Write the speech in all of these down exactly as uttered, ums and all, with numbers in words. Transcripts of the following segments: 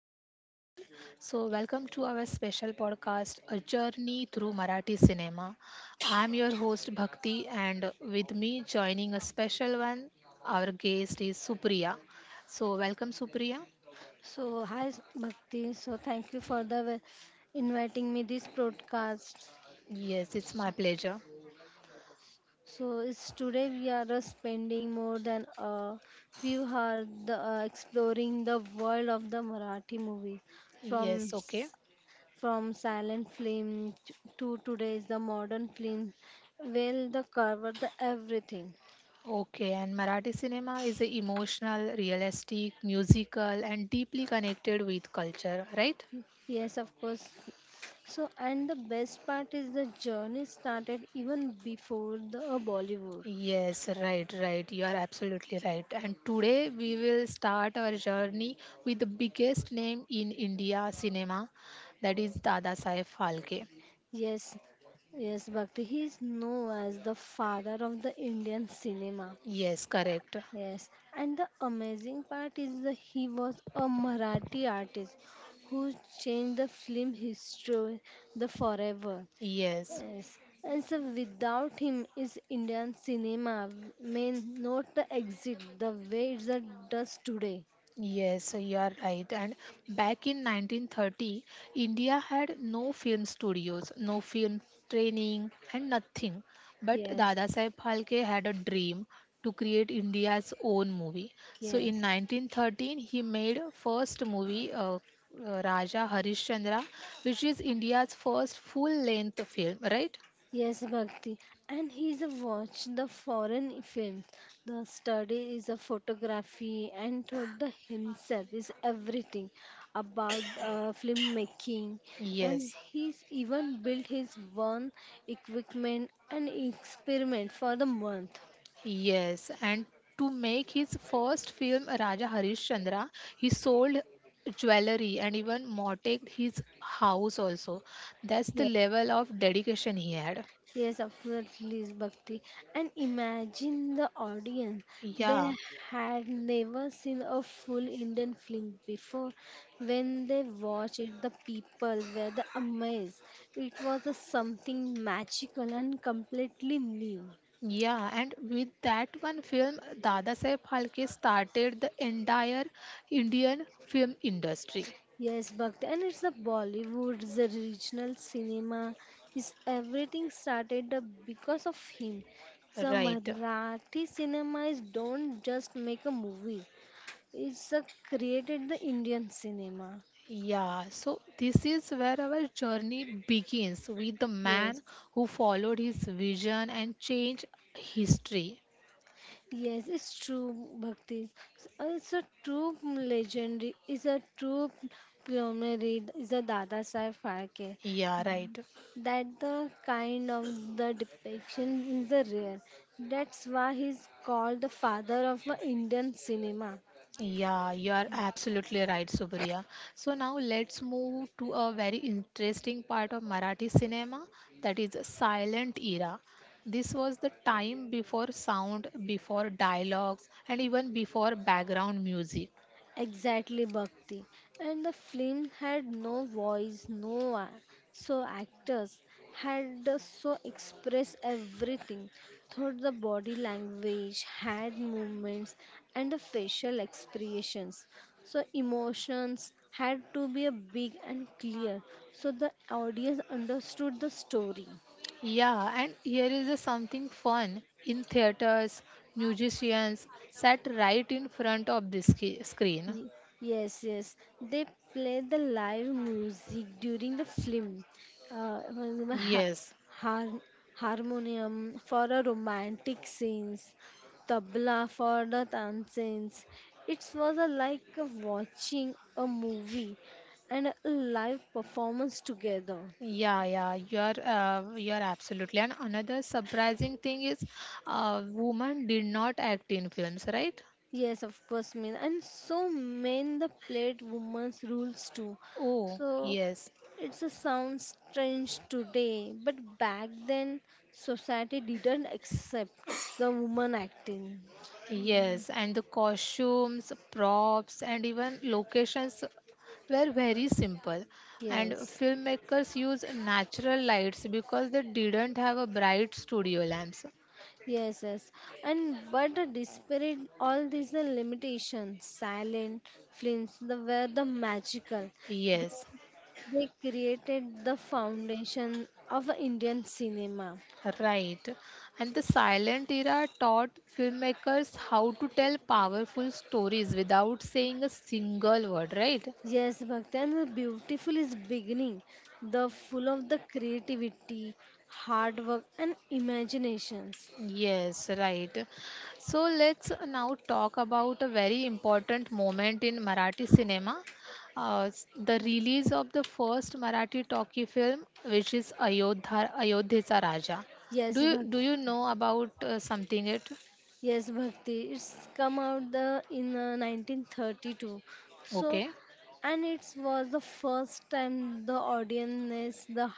namaskar everyone. So, welcome to our special podcast, A Journey Through Marathi Cinema. I'm your host Bhakti, and with me joining a special one, our guest is Supriya. So, welcome, Supriya. So, hi Bhakti. So, thank you for the wel- inviting me this broadcast. Yes, it's my pleasure. So, it's today we are uh, spending more than a few hours the, uh, exploring the world of the Marathi movies, from Yes, okay. s- from silent film t- to today's the modern film. Well, the cover the everything. Okay, and Marathi cinema is a emotional, realistic, musical, and deeply connected with culture, right? Yes, of course. So, and the best part is the journey started even before the uh, Bollywood. Yes, right, right. You are absolutely right. And today we will start our journey with the biggest name in India cinema, that is Dada Saheb Phalke. Yes, yes, Bhakti. He is known as the father of the Indian cinema. Yes, correct. Yes, and the amazing part is that he was a Marathi artist who changed the film history the forever. Yes. Yes, and so without him, is Indian cinema may not exist the way it does today. Yes, so you are right. And back in nineteen thirty, India had no film studios, no film training, and nothing. But Yes, Dada Saheb Phalke had a dream to create India's own movie. So in yes. nineteen thirteen, he made first movie uh, uh, Raja Harishchandra, which is India's first full-length film, right? Yes, Bhakti. And he's a watch the foreign films. The study is a photography and thought the himself is everything about uh, filmmaking. And Yes. he's even built his own equipment and experiment for the month. Yes, and to make his first film, Raja Harishchandra, he sold jewelry and even mortgaged his house also. That's the Yes. level of dedication he had. Yes, absolutely, is Bhakti. And imagine the audience. They Yeah, had never seen a full Indian film before. When they watched it, the people were the amazed. It was a something magical and completely new. yeah, and with that one film, Dada Saheb Phalke started the entire Indian film industry. Yes, Bhakti. And it's the Bollywood, the regional cinema. Is everything started up because of him. So Right. Marathi cinemas don't just make a movie. It's uh, created the Indian cinema. Yeah, so this is where our journey begins with the Yes, man who followed his vision and changed history. yes, it's true, Bhakti. It's it's a true legendary, it's a true plenary, it's a Dada Saheb Phalke. Yeah, right. That the kind of the depiction is the rare. That's why he's called the father of uh, Indian cinema. Yeah, you are absolutely right, Subriya. So now let's move to a very interesting part of Marathi cinema that is silent era. This was the time before sound, before dialogues, and even before background music. Exactly, Bhakti. And the film had no voice, no a- so actors had the- so express everything through the body language, hand movements, and the facial expressions. So emotions had to be a big and clear, so the audience understood the story. Yeah, and here is a something fun. In theaters, musicians sat right in front of the sc- screen. Y- Yes, yes. They play the live music during the film. Uh, when the ha- Yes. har- Harmonium for a romantic scenes, tabla for the tanzins. It was a, like a watching a movie and a live performance together. Yeah, yeah, you're uh, you're absolutely. And another surprising thing is, uh, women did not act in films, right? Yes, of course, men. And so men the played women's rules too. Oh, So yes, it's a sound strange today, but back then society didn't accept the woman acting. yes. And the costumes, props, and even locations were very simple. And Yes, filmmakers used natural lights because they didn't have a bright studio lamps. yes, yes. And but the disparate all these are limitations. Silent films, the were the magical. They, Yes. they created the foundation of Indian cinema. Right. And the silent era taught filmmakers how to tell powerful stories without saying a single word, right? Yes, Bhaktan, the beautiful is beginning, the full of the creativity, hard work, and imaginations. Yes, right. So let's now talk about a very important moment in Marathi cinema. Uh, s- the release of the first Marathi talkie film, which is Ayodhya, Ayodhya's Raja. Do Yes, you, do Bhaktan. you know about uh, something it? Yes, Bhakti. It's come out the in uh, nineteen thirty-two. So, Okay. and it was the first time the audience the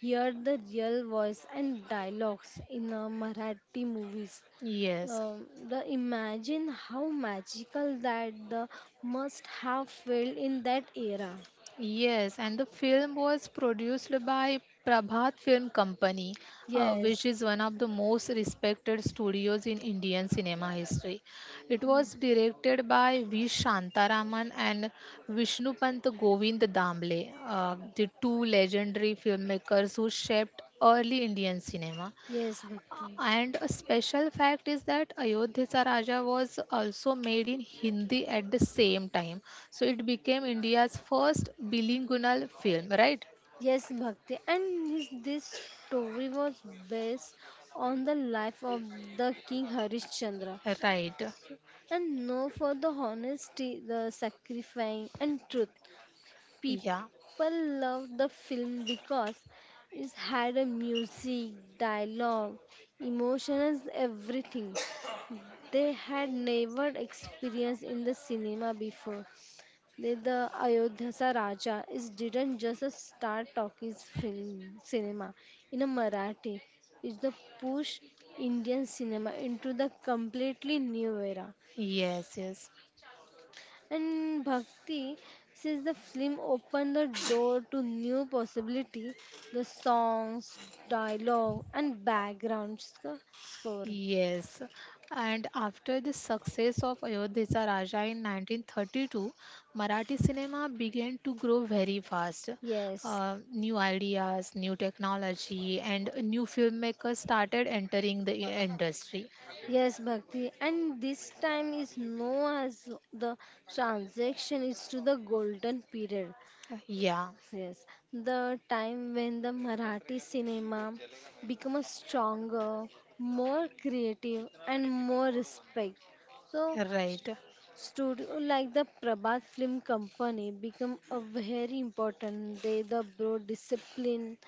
heard the real voice and dialogues in uh, Marathi movies. Yes. Um, the imagine how magical that the must have felt in that era. Yes, and the film was produced by Prabhat Film Company, uh, which Yes, is one of the most respected studios in Indian cinema history. It was directed by V. Shantaraman and Vishnupant Govind Damle, uh, the two legendary filmmakers who shaped early Indian cinema. yes, Uh, Bhakti. And a special fact is that Ayodhya Raja was also made in Hindi at the same time. So it became India's first bilingual film, right? Yes, Bhakti, and his, this story was based on the life of the King Harishchandra, Right. and known for the honesty, the sacrifice, and truth. Yeah. People loved the film because it had a music, dialogue, emotions, everything they had never experienced in the cinema before. Then the Ayodhya Raja is didn't just a star talkies film cinema in a Marathi. It's the push Indian cinema into the completely new era. Yes, yes. And Bhakti, since the film opened the door to new possibility, the songs, dialogue, and background sc- score. Yes. And after the success of Ayodhya Raja in nineteen thirty-two, Marathi cinema began to grow very fast. Yes, Uh, new ideas, new technology, and new filmmakers started entering the i- industry. Yes, Bhakti, and this time is known as the transition is to the golden period. Yeah, Yes, the time when the Marathi cinema becomes stronger, more creative, and more respect. So, right. studio like the Prabhat Film Company become a very important. They the broad discipline,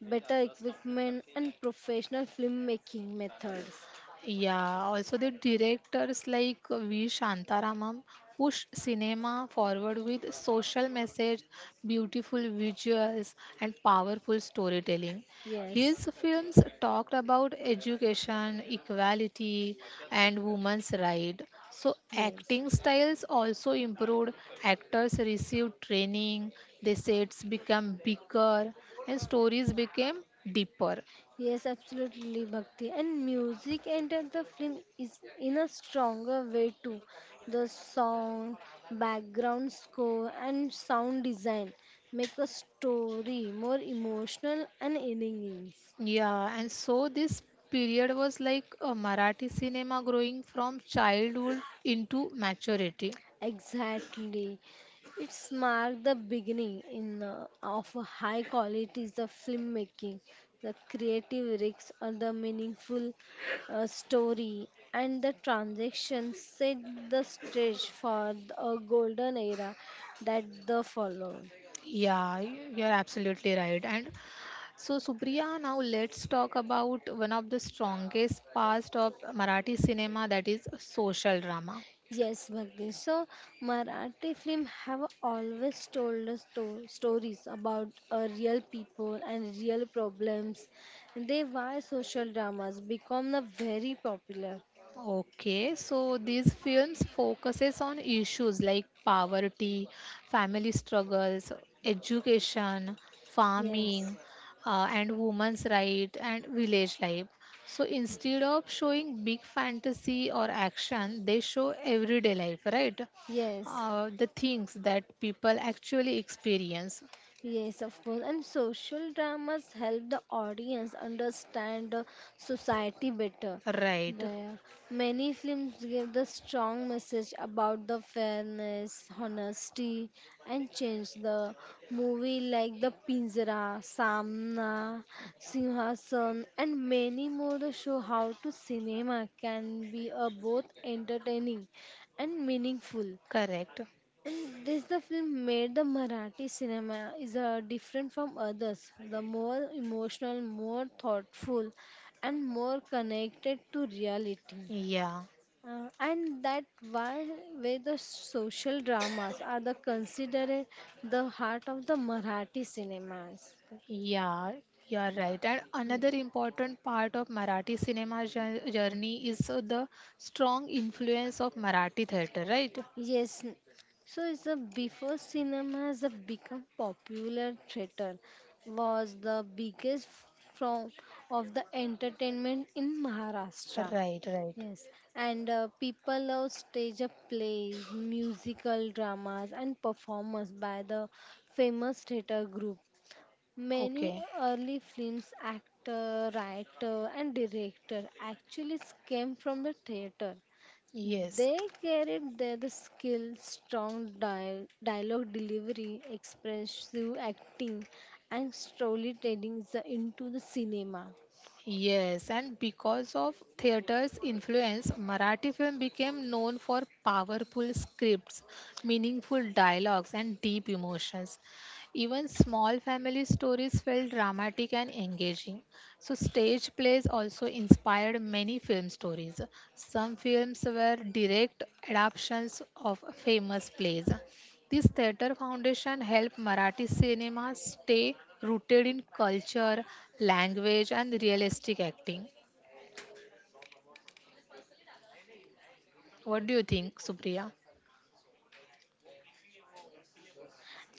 better equipment, and professional filmmaking methods. Yeah, also the directors like V. Shantaramam push cinema forward with social message, beautiful visuals, and powerful storytelling. Yes, His films talked about education, equality, and women's rights. So, yes. acting styles also improved. Actors received training, the sets became bigger, and stories became deeper. Yes, absolutely, Bhakti. And music entered the film is in a stronger way too. The song, background score, and sound design make a story more emotional and engaging. Yeah, and so this period was like a Marathi cinema growing from childhood into maturity. Exactly. It's marked the beginning in uh, of a high quality is the filmmaking, the creative risks or the meaningful uh, story and the transaction set the stage for the- a golden era that the followed. Yeah, y- you're absolutely right. And so, Supriya, now let's talk about one of the strongest parts of Marathi cinema that is social drama. Yes, Bhakti. So, Marathi film have always told us to- stories about uh, real people and real problems. They why social dramas become the very popular. Okay, so these films focuses on issues like poverty, family struggles, education, Yes. farming, uh, and women's right and village life. So instead of showing big fantasy or action, they show everyday life, right? Yes. Uh, the things that people actually experience. Yes, of course. And social dramas help the audience understand the society better. Right. The, Many films give the strong message about the fairness, honesty, and change. The movie like The Pinjara, Samna, Singhasan, and many more the show how to cinema can be uh, both entertaining and meaningful. Correct. And this the film made the Marathi cinema is uh, different from others. The more emotional, more thoughtful, and more connected to reality. Yeah. Uh, and that why where the social dramas are the considered the heart of the Marathi cinemas. Yeah, you are right. And another important part of Marathi cinema jour- journey is uh, the strong influence of Marathi theatre, right? Yes, n- so it's the before cinemas have become popular, theater was the biggest form of the entertainment in Maharashtra. Right, right. Yes, and uh, people love stage up plays, musical dramas, and performers by the famous theater group. Many Okay. early films actor, writer, and director actually came from the theater. Yes. They carried their the skill, strong dia- dialogue delivery, expressive acting, and storytelling the- into the cinema. Yes, and because of theatre's influence, Marathi film became known for powerful scripts, meaningful dialogues, and deep emotions. Even small family stories felt dramatic and engaging. So, stage plays also inspired many film stories. Some films were direct adaptations of famous plays, this theatre foundation helped Marathi cinema stay rooted in culture, language, and realistic acting. What do you think, Supriya?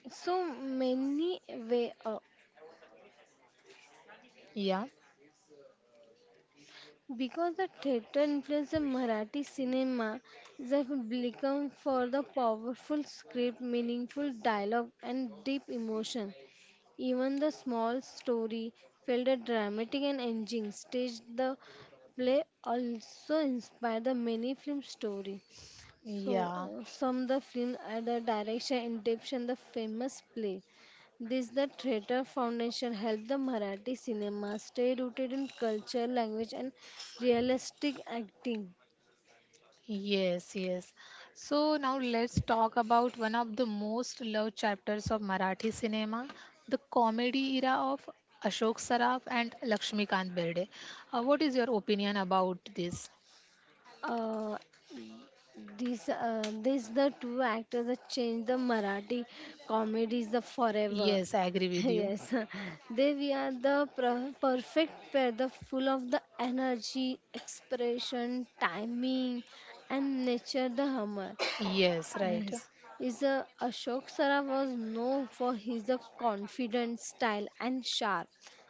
So many way up Yeah, because the theater influenced the Marathi cinema, they have become for the powerful script, meaningful dialogue, and deep emotion. Even the small story filled a dramatic and engaging stage. The play also inspired the many film story. So yeah, uh, some the film at the direction and depicted the famous play. This the Theatre Foundation helped the Marathi cinema stay rooted in culture, language, and realistic acting. yes, yes. So now let's talk about one of the most loved chapters of Marathi cinema, the comedy era of Ashok Saraf and Lakshmikant Berde. Uh, what is your opinion about this? Uh, These, uh, these the two actors that changed the Marathi comedies the forever. Yes, I agree with you. Yes, they we are the per- perfect pair, the full of the energy, expression, timing, and nature the humor. Yes, right, Yes, is uh, Ashok Saraf was known for his uh, confident style and sharp,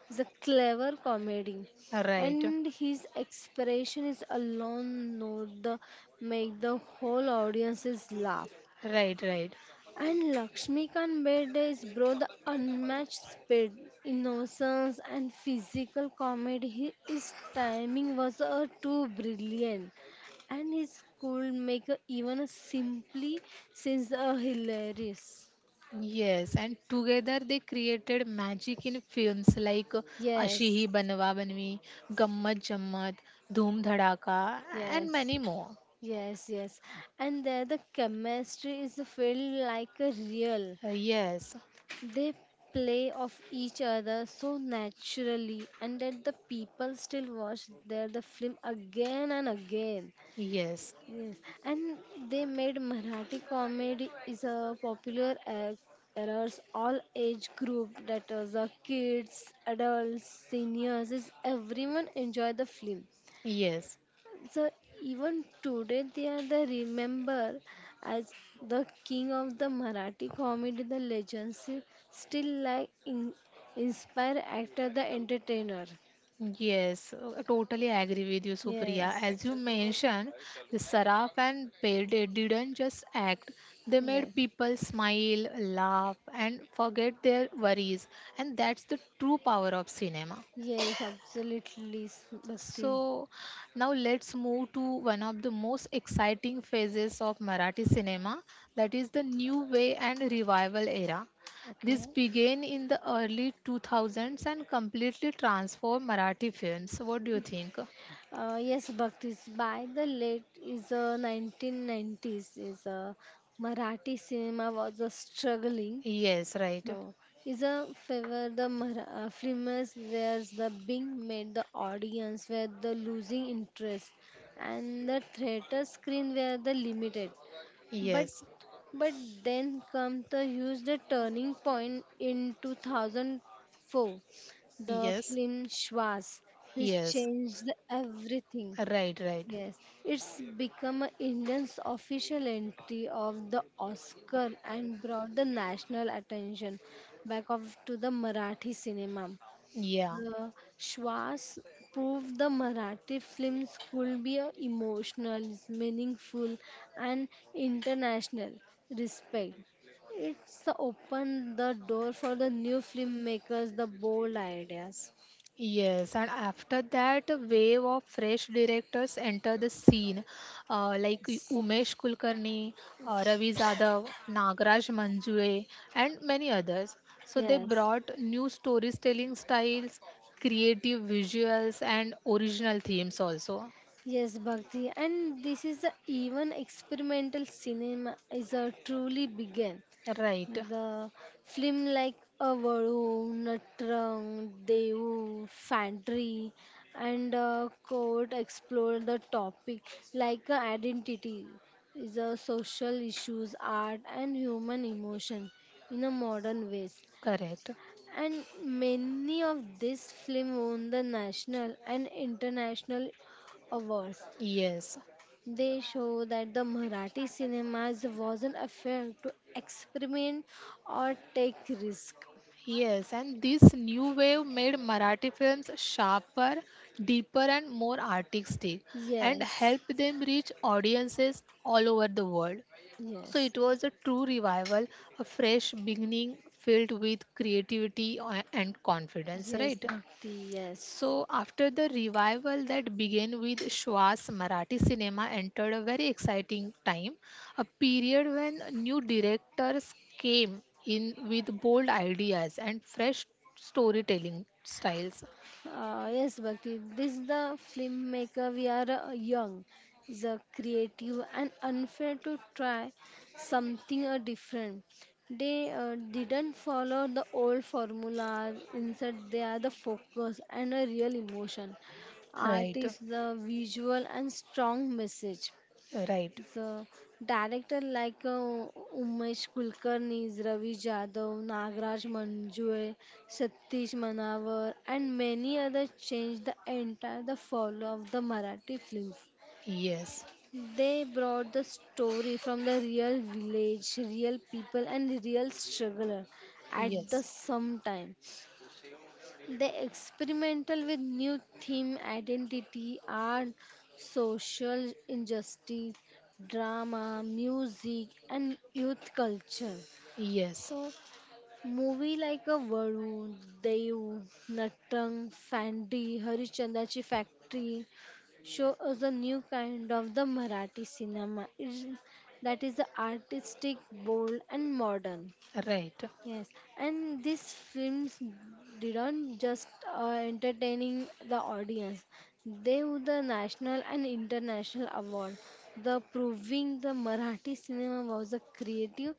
the clever comedy, right, and his expression is alone note the make the whole audiences laugh. right, right. And Lakshmikant Bede brought the unmatched speed, innocence, and physical comedy. He- His timing was uh, too brilliant, and his could make uh, even a simply since uh, hilarious. Yes, and together they created magic in films like uh, Ashi Yes, Hi Banwa Banwi, Gammat Jammat, Dhoom Dhadaka, and yes, many more. yes, yes. And there the chemistry is felt like a real. Uh, Yes, They play off each other so naturally, and that the people still watch their the film again and again. yes, Yes, and they made Marathi comedy is a popular ac- errors all age group that is the kids, adults, seniors is everyone enjoy the film. yes, So even today they are the remember as the king of the Marathi comedy. The legends still like in, inspire actor the entertainer. yes. uh, Totally agree with you, Supriya. Yes. As you mentioned, the Saraf and Pede didn't just act; they made Yes. people smile, laugh, and forget their worries, and that's the true power of cinema. Yes, absolutely, s- Bhakti. So now let's move to one of the most exciting phases of Marathi cinema, that is the new way and revival era. Okay. This began in the early two thousands and completely transformed Marathi films. What do you think? Uh, yes, Bhakti. By the late is uh, nineteen nineties, is uh, Marathi cinema was uh, struggling. Yes, right. Oh, is a favor the mar- uh, filmers where the being made the audience where the losing interest and the theater screen where the limited, but Yes, but then come the huge the turning point in two thousand four, the yes, film Schwarz, which yes. changed everything. Right, right. Yes, it's become a Indian's official entry of the Oscar and brought the national attention back of to the Marathi cinema. Yeah. The Shwas proved the Marathi films could be a emotional, meaningful, and international respect. It's opened the door for the new filmmakers, the bold ideas. Yes, and after that, a wave of fresh directors enter the scene, uh, like Yes. Umesh Kulkarni, uh, Ravi Zadav, Nagraj Manjule, and many others. So they Yes. brought new storytelling styles, creative visuals, and original themes also. Yes, Bhakti, and this is a, even experimental cinema is a truly began. Right, The film like Avaru, Natrang, Devu, Fantry, and uh, Court explore the topic like uh, identity is a social issues, art, and human emotion in a modern ways. correct. And many of these film won the national and international awards. Yes. They show that the Marathi cinemas wasn't afraid to experiment or take risk. Yes, and this new wave made Marathi films sharper, deeper, and more artistic, and Yes, helped them reach audiences all over the world. So it yes, was a true revival, a fresh beginning filled with creativity a- and confidence, yes, right? Bhakti, yes. So, after the revival that began with Shwas, Marathi cinema entered a very exciting time, a period when new directors came in with bold ideas and fresh storytelling styles. Uh, yes, Bhakti, this is the filmmaker. We are uh, young, is a creative and unfair to try something uh, different. They uh, didn't follow the old formula. Instead, they are the focus and a real emotion. Art Right, is the visual and strong message. right, The director like uh, Umesh Kulkarni, Ravi Jadhav, Nagraj Manjure, Satish Manavar, and many others changed the entire the fall of the Marathi films. yes, They brought the story from the real village, real people, and real struggler at the yes, same time. They experimental with new theme, identity, art, social injustice, drama, music, and youth culture. yes, So, movie like a Varun, Dev, Nattang, Fandi, Harichandrachi Factory show us a new kind of the Marathi cinema. It, that is the artistic, bold, and modern. right. Yes, and these films didn't just uh, entertaining the audience. They won the national and international award, the proving the Marathi cinema was a creative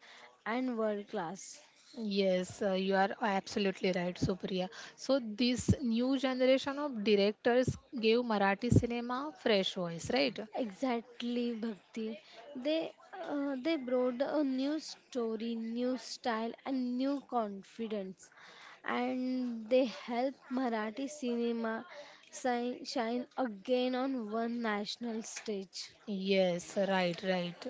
and world class. Yes, uh, you are absolutely right, Supriya. So this new generation of directors gave Marathi cinema fresh voice, right? Exactly, Bhakti. They uh, they brought a new story, new style, and new confidence, and they helped Marathi cinema si- shine again on one national stage. Yes, right, right.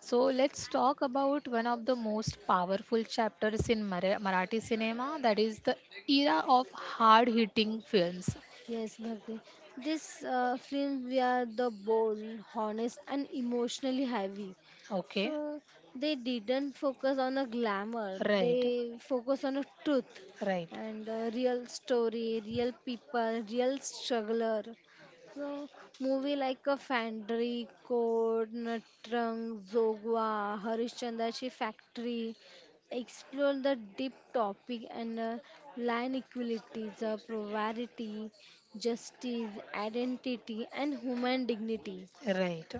So let's talk about one of the most powerful chapters in Mara- Marathi cinema, that is the era of hard hitting films. Yes, Bhakti. This uh, film, we are the bold, honest, and emotionally heavy. Okay, So they didn't focus on a glamour. right, They focus on a truth right, and a real story, real people, real struggler. So movie like a Fandry, Code, Natrang, Zogwa, Harishchandrashi Factory explore the deep topic and uh, land equalities, uh, poverty, justice, identity, and human dignity. right.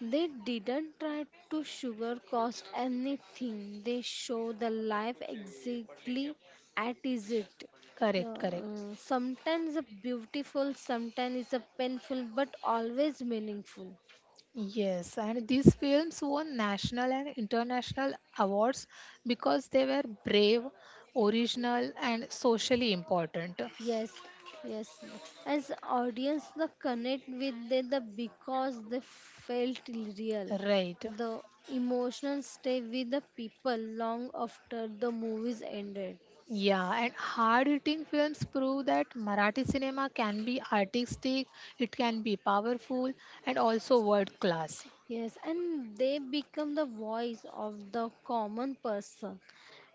They didn't try to sugarcoat anything, they show the life exactly at is it. Correct, correct. Uh, sometimes a beautiful, sometimes a painful, but always meaningful. Yes, and these films won national and international awards because they were brave, original, and socially important. Yes, yes. As audience, the connect with the, the because they felt real. Right. The emotions stay with the people long after the movies ended. Yeah, and hard-hitting films prove that Marathi cinema can be artistic, it can be powerful, and also world-class. Yes, and they become the voice of the common person,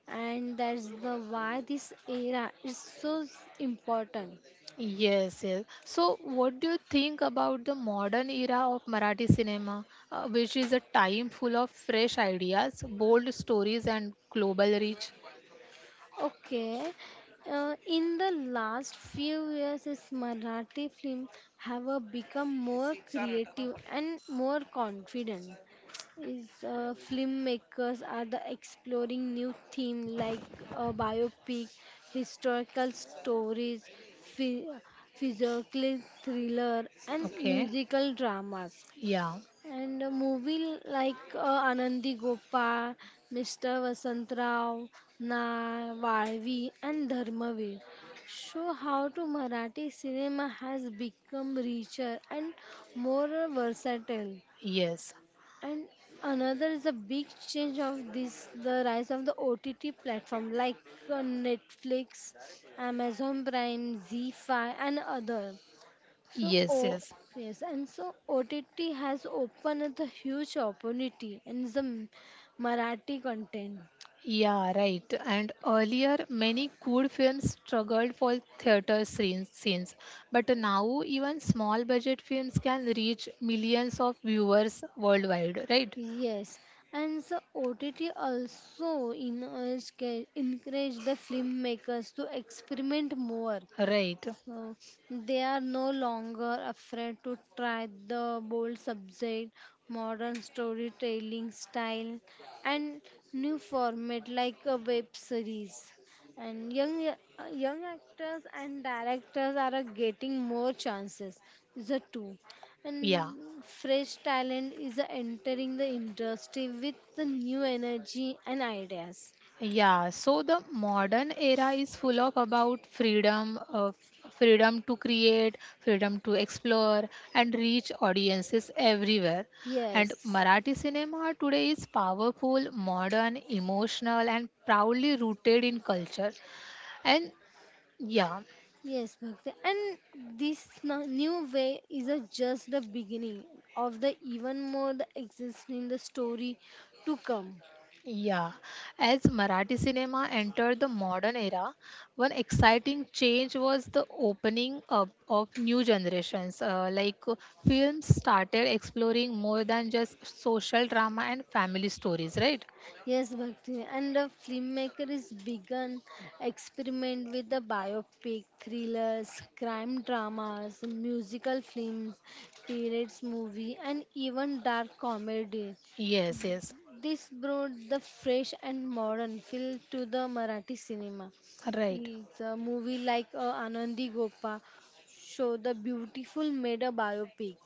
and that's the why this era is so s- important. Yes, yes. So, what do you think about the modern era of Marathi cinema, uh, which is a time full of fresh ideas, bold stories, and global reach? Okay. Uh, in the last few years, is Marathi film have uh, become more creative and more confident. Is uh, filmmakers are the exploring new theme like uh, biopic, historical stories, phy- physical thriller, and Okay. musical dramas. Yeah. And a movie like uh, Anandi Gopal, Mister Vasant Rao, Na, Valvi, and Dharmaveer show how to Marathi cinema has become richer and more versatile. Yes. And another is a big change of this the rise of the O T T platform like uh, Netflix, Amazon Prime, Z five, and other. So, Yes, oh, yes. yes, and so O T T has opened a huge opportunity in the M- Marathi content. Yeah, right. And earlier, many good films struggled for theater scenes, scenes. But now, even small budget films can reach millions of viewers worldwide, right? Yes, and so O T T also encourage encourage the filmmakers to experiment more. Right. So they are no longer afraid to try the bold subject, modern storytelling style, and new format like a web series. And young young actors and directors are uh, getting more chances. The two Yeah. and fresh talent is uh, entering the industry with the new energy and ideas. Yeah, so the modern era is full of about freedom, uh, f- freedom to create, freedom to explore, and reach audiences everywhere. And Yes. Marathi cinema today is powerful, modern, emotional, and proudly rooted in culture. And yeah. Yes, Bhakti. And this no- new way is a just the beginning of the even more the existing in the story to come. Yeah, as Marathi cinema entered the modern era, one exciting change was the opening up of new generations. Uh, like uh, films started exploring more than just social drama and family stories, right? Yes, Bhakti. And the filmmaker is begun experiment with the biopic, thrillers, crime dramas, musical films, periods movie, and even dark comedy. Yes, yes, This brought the fresh and modern feel to the Marathi cinema. right. It's a movie like uh, Anandi Gopa show the beautiful made a biopic.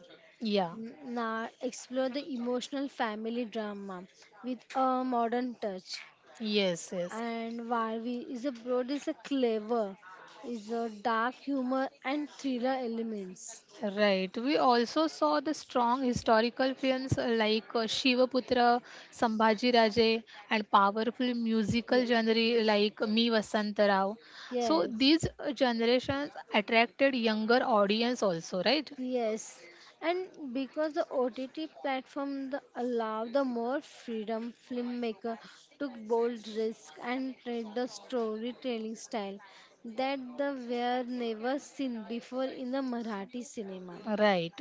Yeah, N- Now explore the emotional family drama with a modern touch. yes, yes. And Varvi is a broad is a clever, is a dark humor and thriller elements. Right. We also saw the strong historical films uh, like uh, Shivaputra, Sambhaji Raje, and powerful musical Ye- genre like Me Vasant Rao. So Yes, these uh, generations attracted younger audience also, right? yes, and because the O T T platform the, allow the more freedom, filmmaker took bold risk and tried the storytelling style that the were never seen before in the Marathi cinema. Right.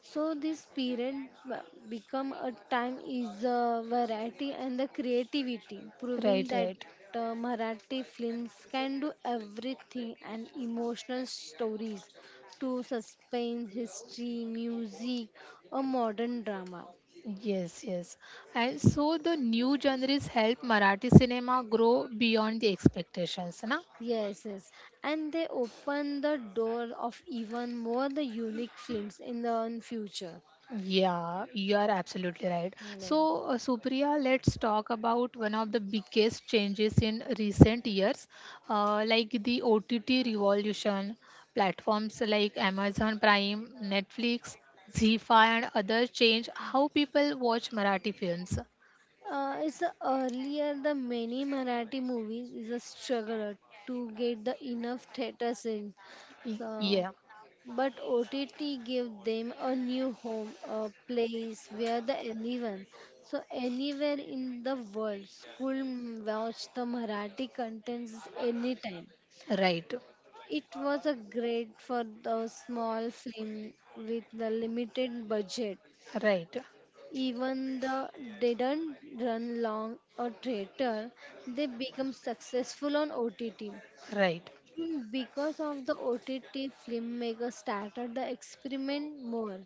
So this period b- become a time is the variety and the creativity, proving Right, that right. uh, Marathi films can do everything and emotional stories to suspense, history, music, a modern drama. Yes, yes. And so the new genres help Marathi cinema grow beyond the expectations, na? Yes, yes, and they open the door of even more the unique films in the future. Yeah, you are absolutely right. Yeah. So, uh, Supriya, let's talk about one of the biggest changes in recent years, uh, like the O T T revolution. Platforms like Amazon Prime, Netflix, Z E E five, and others change how people watch Marathi films. Uh, it's the earlier the many Marathi movies is a struggle to get the enough theaters in. Y- So, Yeah, but O T T gave them a new home, a place where the anyone, so anywhere in the world, school watch the Marathi contents anytime. right, It was a great for the small film with the limited budget right, even the didn't run long a traitor, they become successful on O T T. right. And because of the O T T, filmmakers started the experiment more.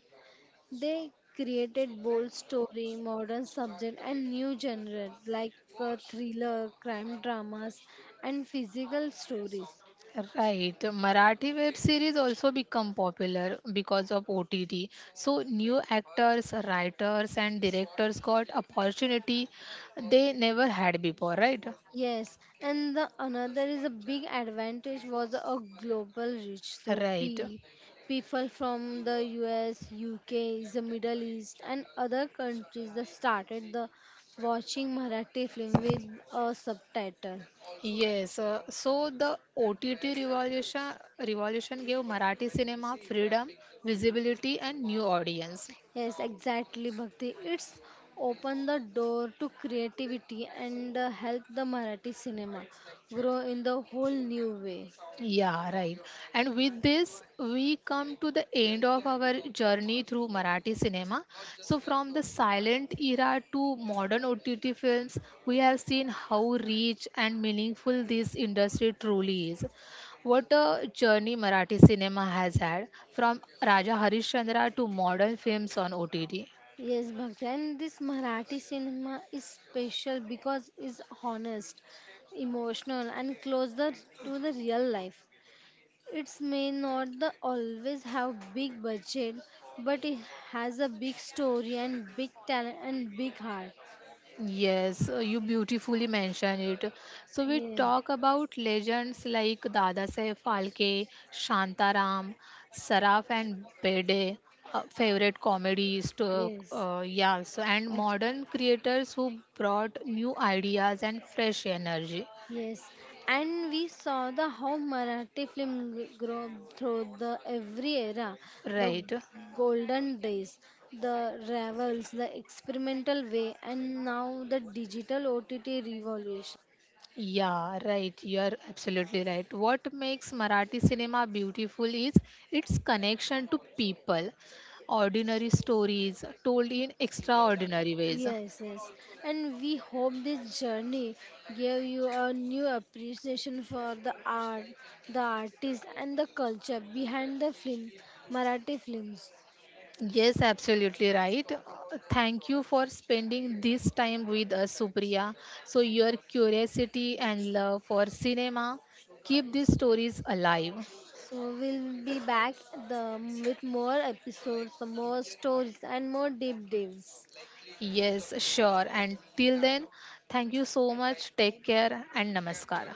They created bold story, modern subject, and new genre like uh, thriller, crime dramas, and physical stories. Right. Marathi web series also become popular because of O T T. So new actors, writers and directors got opportunity they never had before, right? Yes, and the another is a big advantage was a global reach. So Right. P, people from the U S, U K, the Middle East, and other countries that started the watching Marathi film with a subtitle. Yes. uh, so the O T T revolution revolution gave Marathi cinema freedom, visibility and new audience. Yes, exactly, Bhakti. It's opened the door to creativity and uh, helped the Marathi cinema grow in the whole new way. Yeah, right. And with this, we come to the end of our journey through Marathi cinema. So, from the silent era to modern O T T films, we have seen how rich and meaningful this industry truly is. What a journey Marathi cinema has had from Raja Harishchandra to modern films on O T T. Yes, Bhakti, and this Marathi cinema is special because it's honest, emotional, and closer to the real life. It may not the always have big budget, but it has a big story and big talent and big heart. Yes, uh, you beautifully mentioned it. So we Yeah, talk about legends like Dadasaheb Phalke, Shantaram, Saraf and Bede, uh, favorite comedies to, yes, uh, yeah, so and modern creators who brought new ideas and fresh energy. yes, and we saw the how Marathi film g- grow through the every era, the Right. golden days, the revels, the experimental way, and now the digital O T T revolution. Yeah, right. You're absolutely right. What makes Marathi cinema beautiful is its connection to people, ordinary stories told in extraordinary ways. Yes, yes, and we hope this journey gave you a new appreciation for the art, the artist, and the culture behind the film, Marathi films. Yes, absolutely right. Thank you for spending this time with us, Supriya. So, your curiosity and love for cinema keep these stories alive. So we'll be back the, with more episodes, more stories, and more deep dives. Yes, sure. And till then, thank you so much. Take care and namaskar.